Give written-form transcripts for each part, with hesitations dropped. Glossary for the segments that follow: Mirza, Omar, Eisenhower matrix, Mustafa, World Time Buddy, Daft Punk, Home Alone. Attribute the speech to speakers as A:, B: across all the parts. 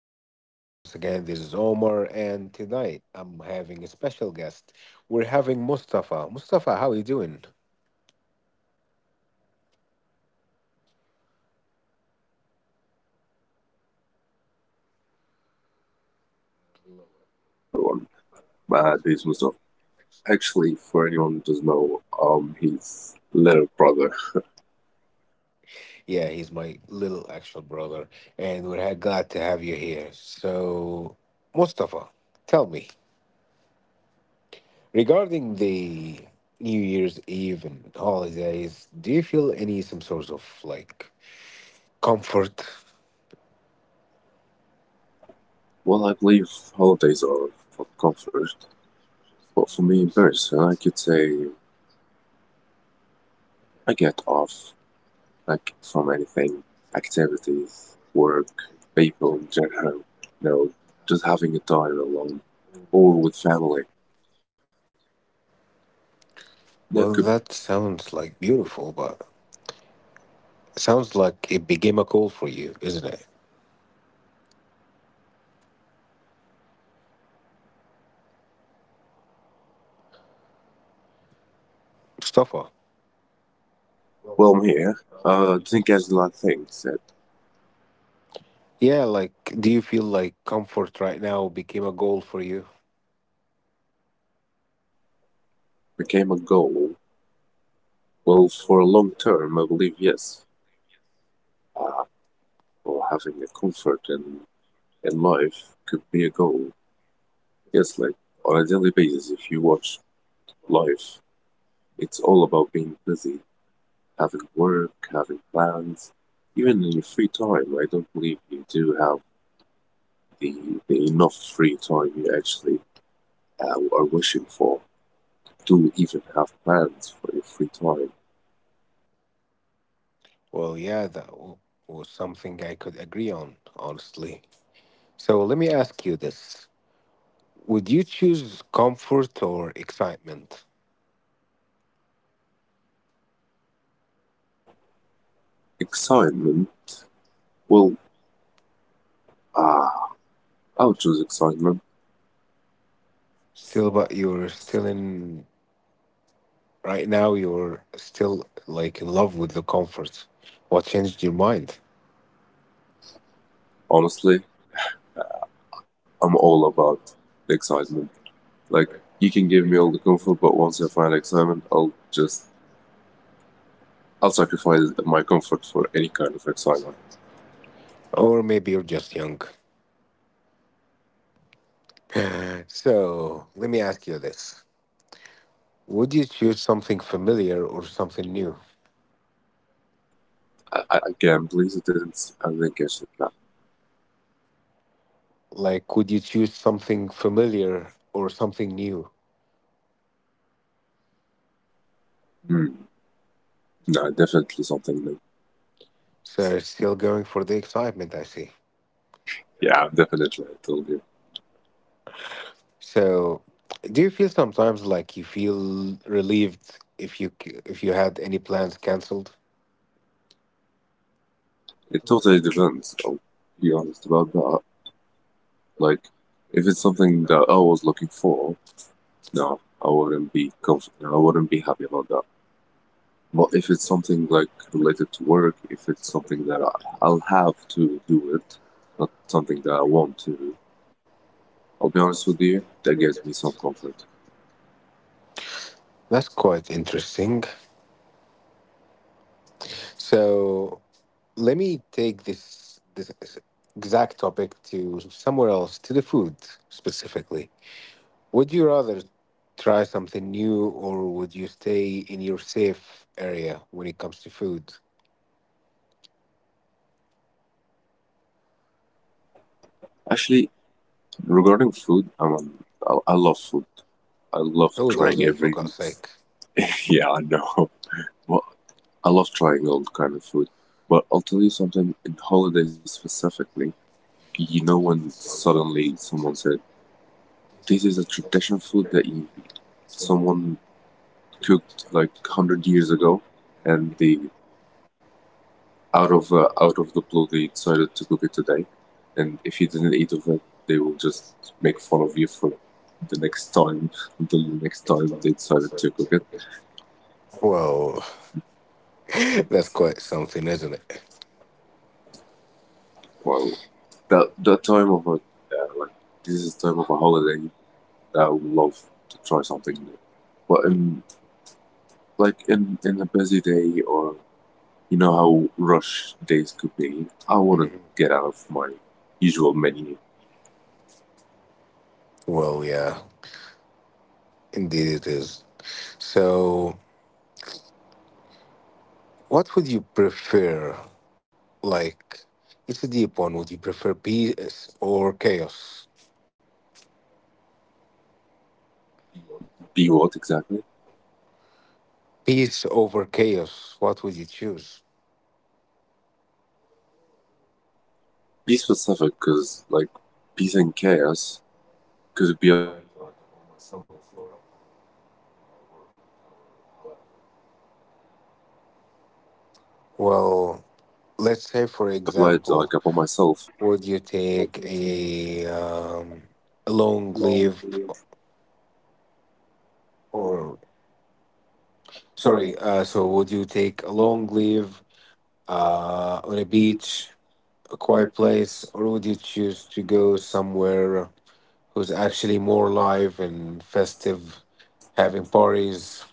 A: my podcast. Once again, this is Omar, and tonight I'm having a special guest. We're having Mustafa. Mustafa, how are you doing?
B: Hello, everyone. My name is Mustafa. Actually, anyone who doesn't know, his little brother.
A: Yeah, he's my little actual brother, and glad to have you here. So, Mustafa, tell me regarding the New Year's Eve and holidays, do you feel any some sort of like comfort?
B: Well, I believe holidays are for comfort, but for me in person, I could say I get off, like from anything, activities, work, people in general. You know, just having a time alone or with family.
A: Well,
B: That could.
A: that sounds like beautiful, but it sounds like it became a call for you, isn't it? Mustafa.
B: Well, I'm here. I think as a lot of things that
A: Yeah, like, do you feel like comfort right now became a goal for you?
B: became a goal. Well, for a long term, I believe yes. Uh, or having a comfort in life could be a goal. Yes, like on a daily basis, if you watch life, it's all about being busy, having work, having plans. Even in your free time, I don't believe you do have the, the enough free time you actually are wishing for to even have plans for your free time.
A: Well, yeah, was something I could agree on, honestly. So let me ask you this. Would you choose comfort or excitement?
B: Excitement, well, ah, I'll choose excitement.
A: Still, but you're still in, right now, you're still like in love with the comfort. What changed your mind?
B: Honestly, I'm all about the excitement. Like you can give me all the comfort, but once I find excitement, I'll sacrifice my comfort for any kind of excitement.
A: Or maybe you're just young. So let me ask you this. Would you choose something familiar or something new?
B: I can't believe it didn't. I didn't catch that.
A: Like, could you choose something familiar or something new?
B: Hmm. No, definitely something new. So,
A: So, still going for the excitement, I see.
B: yeah, definitely. I told you.
A: So, do you feel sometimes like you feel relieved if if you had any plans canceled?
B: It totally depends. I'll be honest about that. Like, if it's something that I was looking for, no, I wouldn't be comfort. I wouldn't be happy about that. But if it's something like related to work, if it's something I'll have to do it, not something that I want to do, I'll be honest with you, that gives me some comfort.
A: That's quite interesting. So, let me take this exact topic to somewhere else, to the food specifically. Would you rather try something new or would you stay in your safe area when it comes to food?
B: Actually, regarding food, I love food. I love
A: Who
B: trying
A: doesn't,
B: every.
A: for God's sake?
B: Yeah, I know. Well, I love trying all kind of food. But I'll tell you something in holidays specifically. You know when suddenly someone said, "This is a traditional food that you, someone cooked like 100 years ago and they out of the blue they decided to cook it today, and if you didn't eat of it they will just make fun of you for the next time until the next time they decided to cook it.
A: Well,
B: That's-
A: that's quite
B: that's-
A: something, isn't it?
B: well, that time of a like this is time of a holiday that I would love to try something new. But
A: Mhm.
B: in like in a busy day, or you know how rush days could be, I wouldn't get out of my usual menu.
A: Well, yeah, indeed it is. So, what would you prefer? Like, it's a deep one. Would you prefer peace or chaos?
B: Be what exactly?
A: Peace over chaos. What would you choose?
B: Be specific, because like peace and chaos could be applied like upon myself or upon my.
A: Well, let's say, for example, would you take a long leave or sorry? So would you take a long leave on a beach, a quiet place, or would you choose to go somewhere who's actually more live and festive, having parties?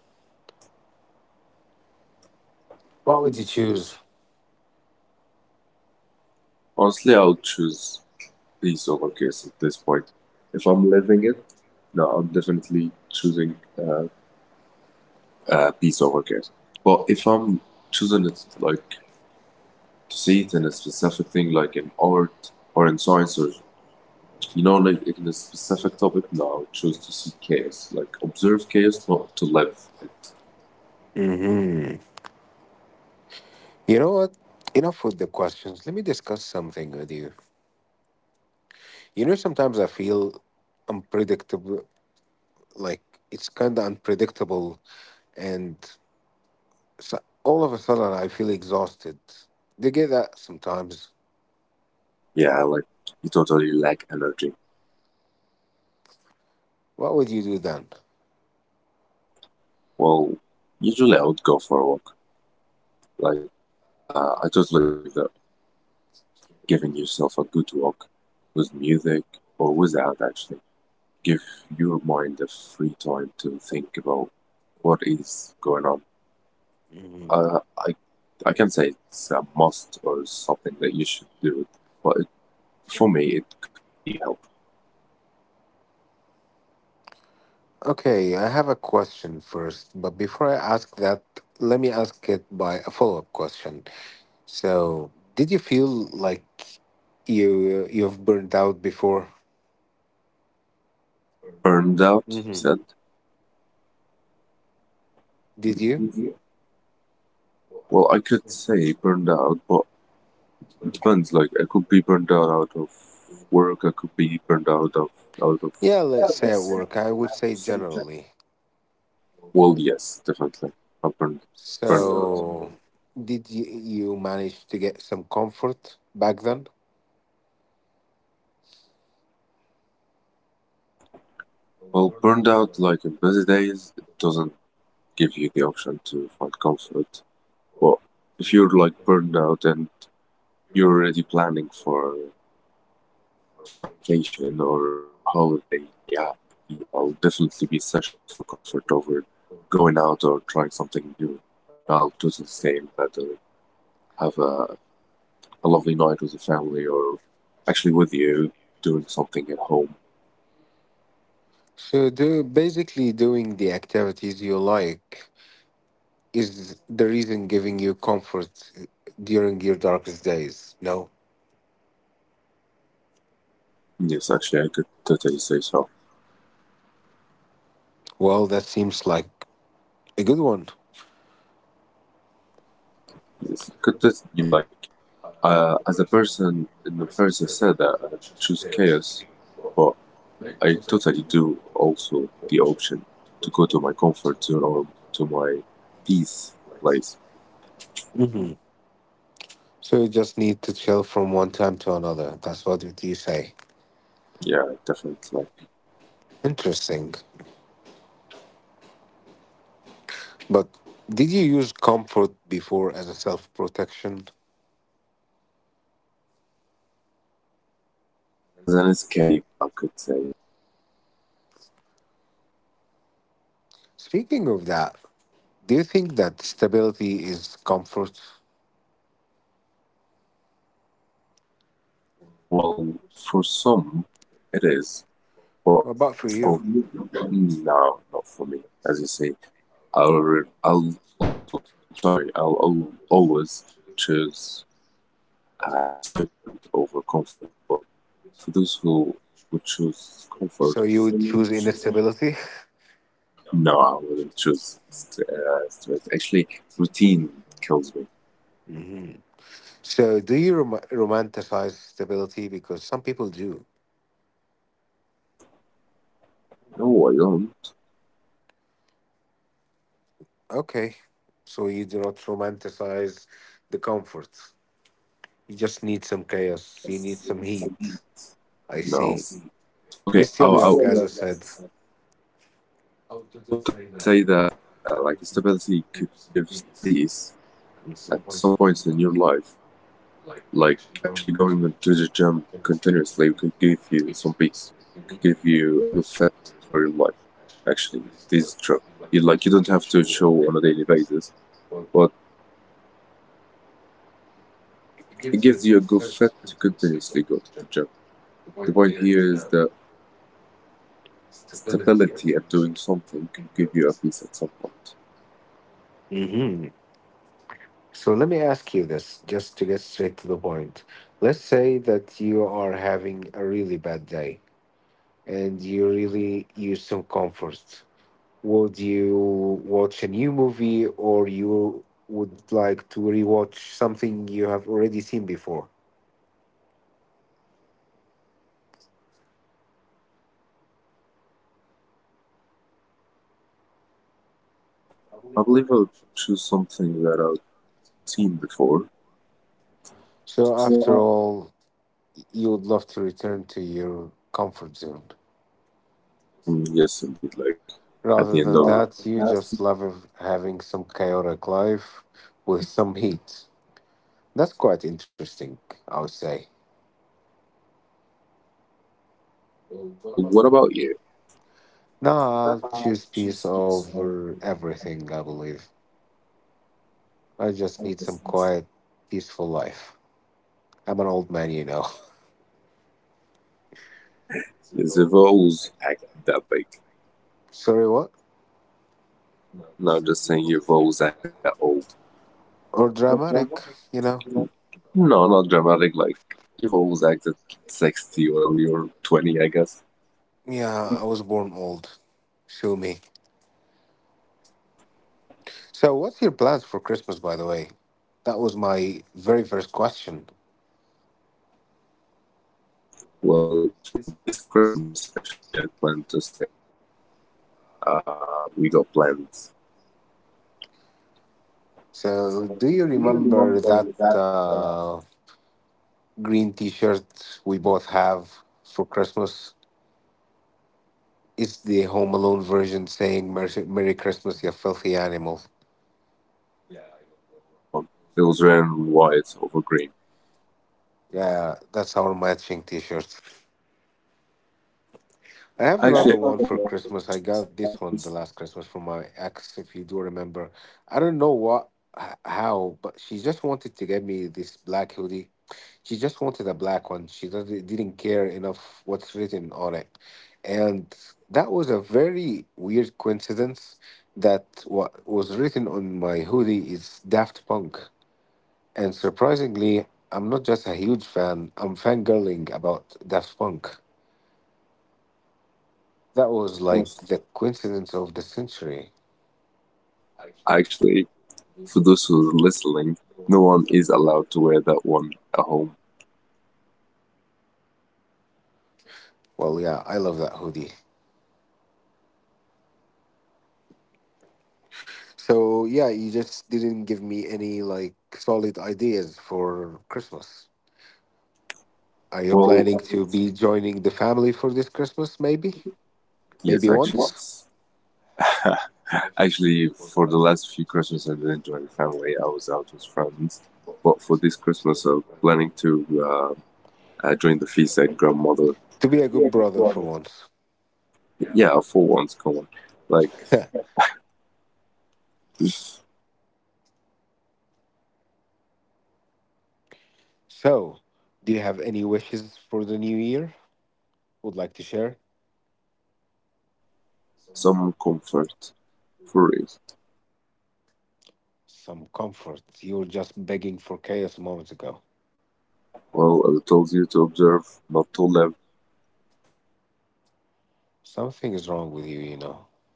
A: What would you choose?
B: Honestly, I would choose peace over chaos at this point. If I'm living it, no, I'm definitely choosing peace over chaos. But if I'm choosing it, like to see it in a specific thing, like in art or in science, or you know, like in a specific topic, no, I would choose to see chaos, like observe chaos, not to live it.
A: Hmm. You know what? Enough with the questions. Let me discuss something with you. You know, sometimes I feel unpredictable, like it's kind of unpredictable, and so all of a sudden I feel exhausted. Do you get that sometimes?
B: Yeah, like you totally lack energy.
A: What would you do then?
B: Well, usually I would go for a walk. Like, I totally believe that giving yourself a good walk with music or without actually give your mind a free time to think about what is going on. uh, I, I can say it's a must or something that you should do, but it, for me it could be helpful.
A: Okay, I have a question first, but before I ask that, let me ask it by a follow up question. So, did you feel like you've burned out before?
B: Burned out, you
A: Hmm.
B: said?
A: Did you?
B: Well, I could say burned out, but it depends. Like, I could be burned out out of work, I could be burned out of.
A: Yeah, let's say at work. I would say generally.
B: Well, yes, definitely, i'm burned, burned out.
A: So, did you manage to get some comfort back then?
B: Well, burned out like in busy days, it doesn't give you the option to find comfort. But if you're like burned out and you're already planning for a vacation or a holiday, yeah, yeah, I'll definitely be searching for comfort over going out or trying something new. I'll do the same, but have a, a lovely night with the family, or actually with you doing something at home.
A: So, do, basically, doing the activities you like is the reason giving you comfort during your darkest days. No?
B: Yes, actually, I could totally say so.
A: Well, that seems like a good one.
B: Yes, I could just like. As a person in the first, I said that I choose chaos, but I totally do also the option to go to my comfort zone or to my peace place.
A: Hmm. So, you just need to chill from one time to another. That's you say.
B: Yeah, definitely.
A: Interesting. But did you use comfort before as a self protection?
B: As an escape, I could say.
A: Speaking of that, do you think that stability is comfort?
B: Well, for some, it is, but
A: What about for you?
B: for no, not for me. As you say, I'll also sorry, I'll always choose excitement over comfort. But for those who would choose comfort,
A: So you would choose instability?
B: no, I wouldn't choose stress. Actually, routine kills me.
A: Hmm. So do you romanticize stability? Because some people do.
B: No, I don't.
A: Okay. So you do not romanticize the comfort. You just need some chaos. You need some heat. I
B: No.
A: see. You're
B: Okay,
A: still young, as I said.
B: I would totally say that like stability could give some peace at some points in your life. Like actually going to the gym continuously could give you some peace, could give you a good fit for your life. Actually, this is true. You like you don't have to show on a daily basis, but it gives you a good fit to continuously go to the gym. The point here is that stability at doing something can give you a peace at some point.
A: Hmm. So let me ask you this, just to get straight to the point. Let's say that you are having a really bad day, and you really use some comfort. Would you watch a new movie or you would like to rewatch something you have already seen before?
B: I believe I'll choose something that I've seen before.
A: So, after all, you would love to return to your comfort zone.
B: Mm, yes, indeed. Like at the
A: Rather
B: end
A: than
B: of
A: that, you just love having some chaotic life with some heat. That's quite interesting, I would say.
B: well, what about you?
A: Now, I'll choose peace over everything, I believe. I just need some quiet, peaceful life. I'm an old man, you know.
B: Is Evo's act that big?
A: Sorry, what?
B: Not just saying you've always acted that old.
A: Or dramatic, you know?
B: No, not dramatic. Like you've always acted 60 while you're 20, I guess.
A: Yeah, I was born old. Sue me. So, what's your plans for Christmas, by the way? That was my very first question.
B: Well, for this Christmas, actually, I plan to stay at home. uh, we got plants.
A: So, do you remember that green t shirt we both have for Christmas? It's the Home Alone version saying, "Merry Merry Christmas, you filthy animal."
B: Yeah, I know that one. It was red and white over green.
A: Yeah, that's our matching t shirt. I have another
B: Actually,
A: one for Christmas. I got this one the last Christmas from my ex, if you do remember. I don't know what, how, but she just wanted to get me this black hoodie. She just wanted a black one. She doesn't- didn't care enough what's written on it. And that was a very weird coincidence that what was written on my hoodie is Daft Punk. And surprisingly, I'm not just a huge fan, I'm fangirling about Daft Punk. That was like the coincidence of the century.
B: actually, for those who are listening, no one is allowed to wear that one at home.
A: Well, yeah, I love that hoodie. So, yeah, you just didn't give me any like solid ideas for Christmas. Are you
B: Well,
A: planning to be joining the family for this Christmas, maybe?
B: yes,
A: Maybe
B: actually,
A: once?
B: actually, for the last few Christmas, I didn't join family. I was out with friends. But for this Christmas, I'm planning to join the feast at grandmother.
A: To be a good brother for once.
B: Yeah, for once, come on, like
A: So, do you have any wishes for the new year? Would like to share?
B: some comfort for it.
A: Some comfort. You were just begging for chaos moments ago.
B: Well, I told you to observe, not to live.
A: Something is wrong with you, you know.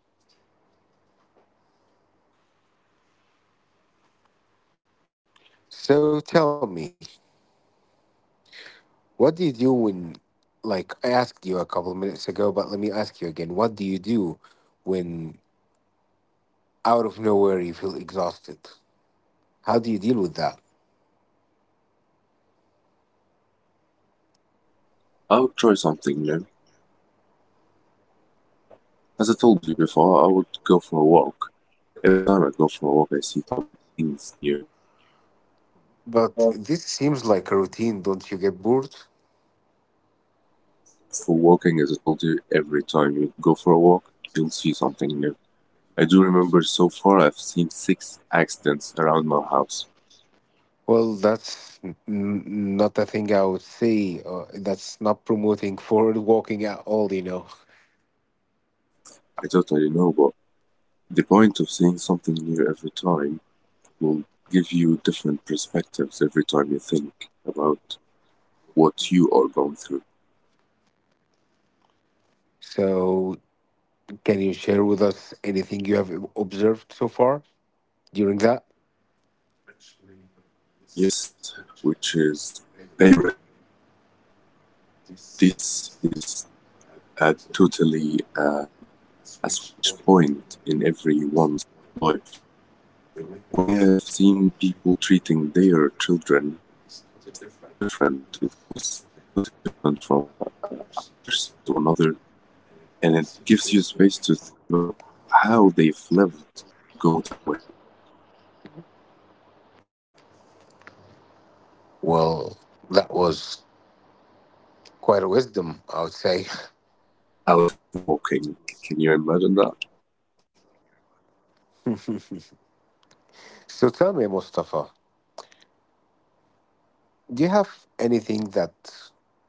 A: So tell me, what do you do when, like, I asked you a couple of minutes ago, but let me ask you again. What do you do when out of nowhere you feel exhausted? How do you deal with that?
B: I would try something new. As I told you before, I would go for a walk. Every time I go for a walk, I see some things new.
A: But this seems like a routine. Don't you get bored?
B: For walking, as I told you, every time you go for a walk, you'll see something new. I do remember so far I've seen six accidents around my house.
A: Well, not a thing I would say. That's not promoting forward walking at all, you know.
B: I totally know, but the point of seeing something new every time will give you different perspectives every time you think about what you are going through.
A: So, can you share with us anything you have observed so far during that?
B: Actually, yes, which is parenting. This is a totally a switch point in everyone's life. The way I've seen people treating their children is totally different. It goes totally different from a person to another, and it gives you space to think about how they've lived to go that way.
A: Well, that was quite a wisdom, I would say.
B: Out of walking, can you imagine that?
A: So tell me, Mustafa, do you have anything that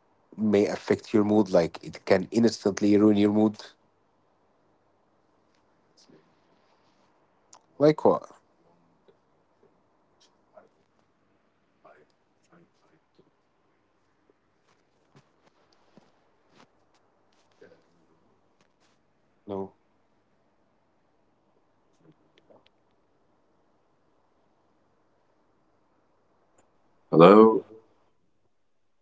A: may affect your mood? Like it can instantly ruin your mood?
B: I could say yes. One
A: Like what?
B: One definite thing, which is arrogant. I I don't tolerate it. Can you hear me?
A: No.
B: Can you hear me now? Hello?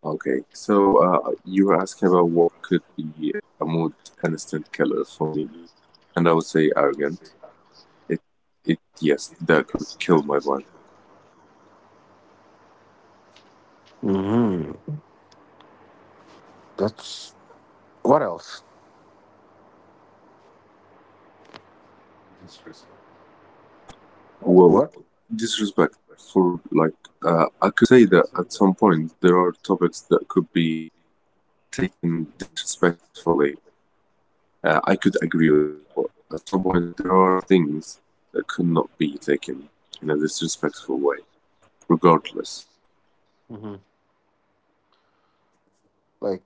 B: Okay. So you were asking about what could be a mood instant killer for me, and I would say arrogant. It it Yes, that could kill my vibe.
A: Hmm. That's what else?
B: Disrespect. Well,
A: What?
B: disrespect for like I could say that at some point there are topics that could be taken disrespectfully. I could agree with that, but at some point there are things that could not be taken in a disrespectful way. Regardless,
A: Hmm. Like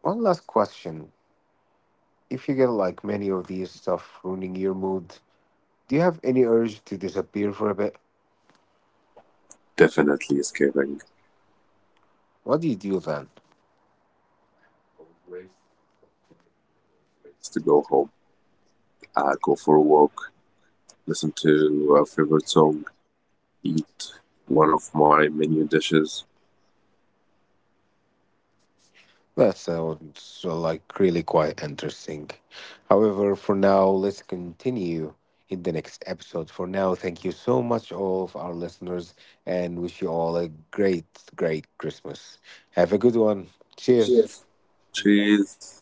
A: one last question. If you get like many of these stuff ruining your mood, do you have any urge to disappear for a bit?
B: definitely escaping
A: What do you do then?
B: old ways. I'll find my old ways to go home. Go for a walk, listen to a favorite song, eat one of my menu dishes,
A: That sounds like really quite interesting. However, for now, let's continue in the next episode. For now, thank you so much, all of our listeners, and wish you all a great, great Christmas. Have a good one. Cheers.
B: cheese,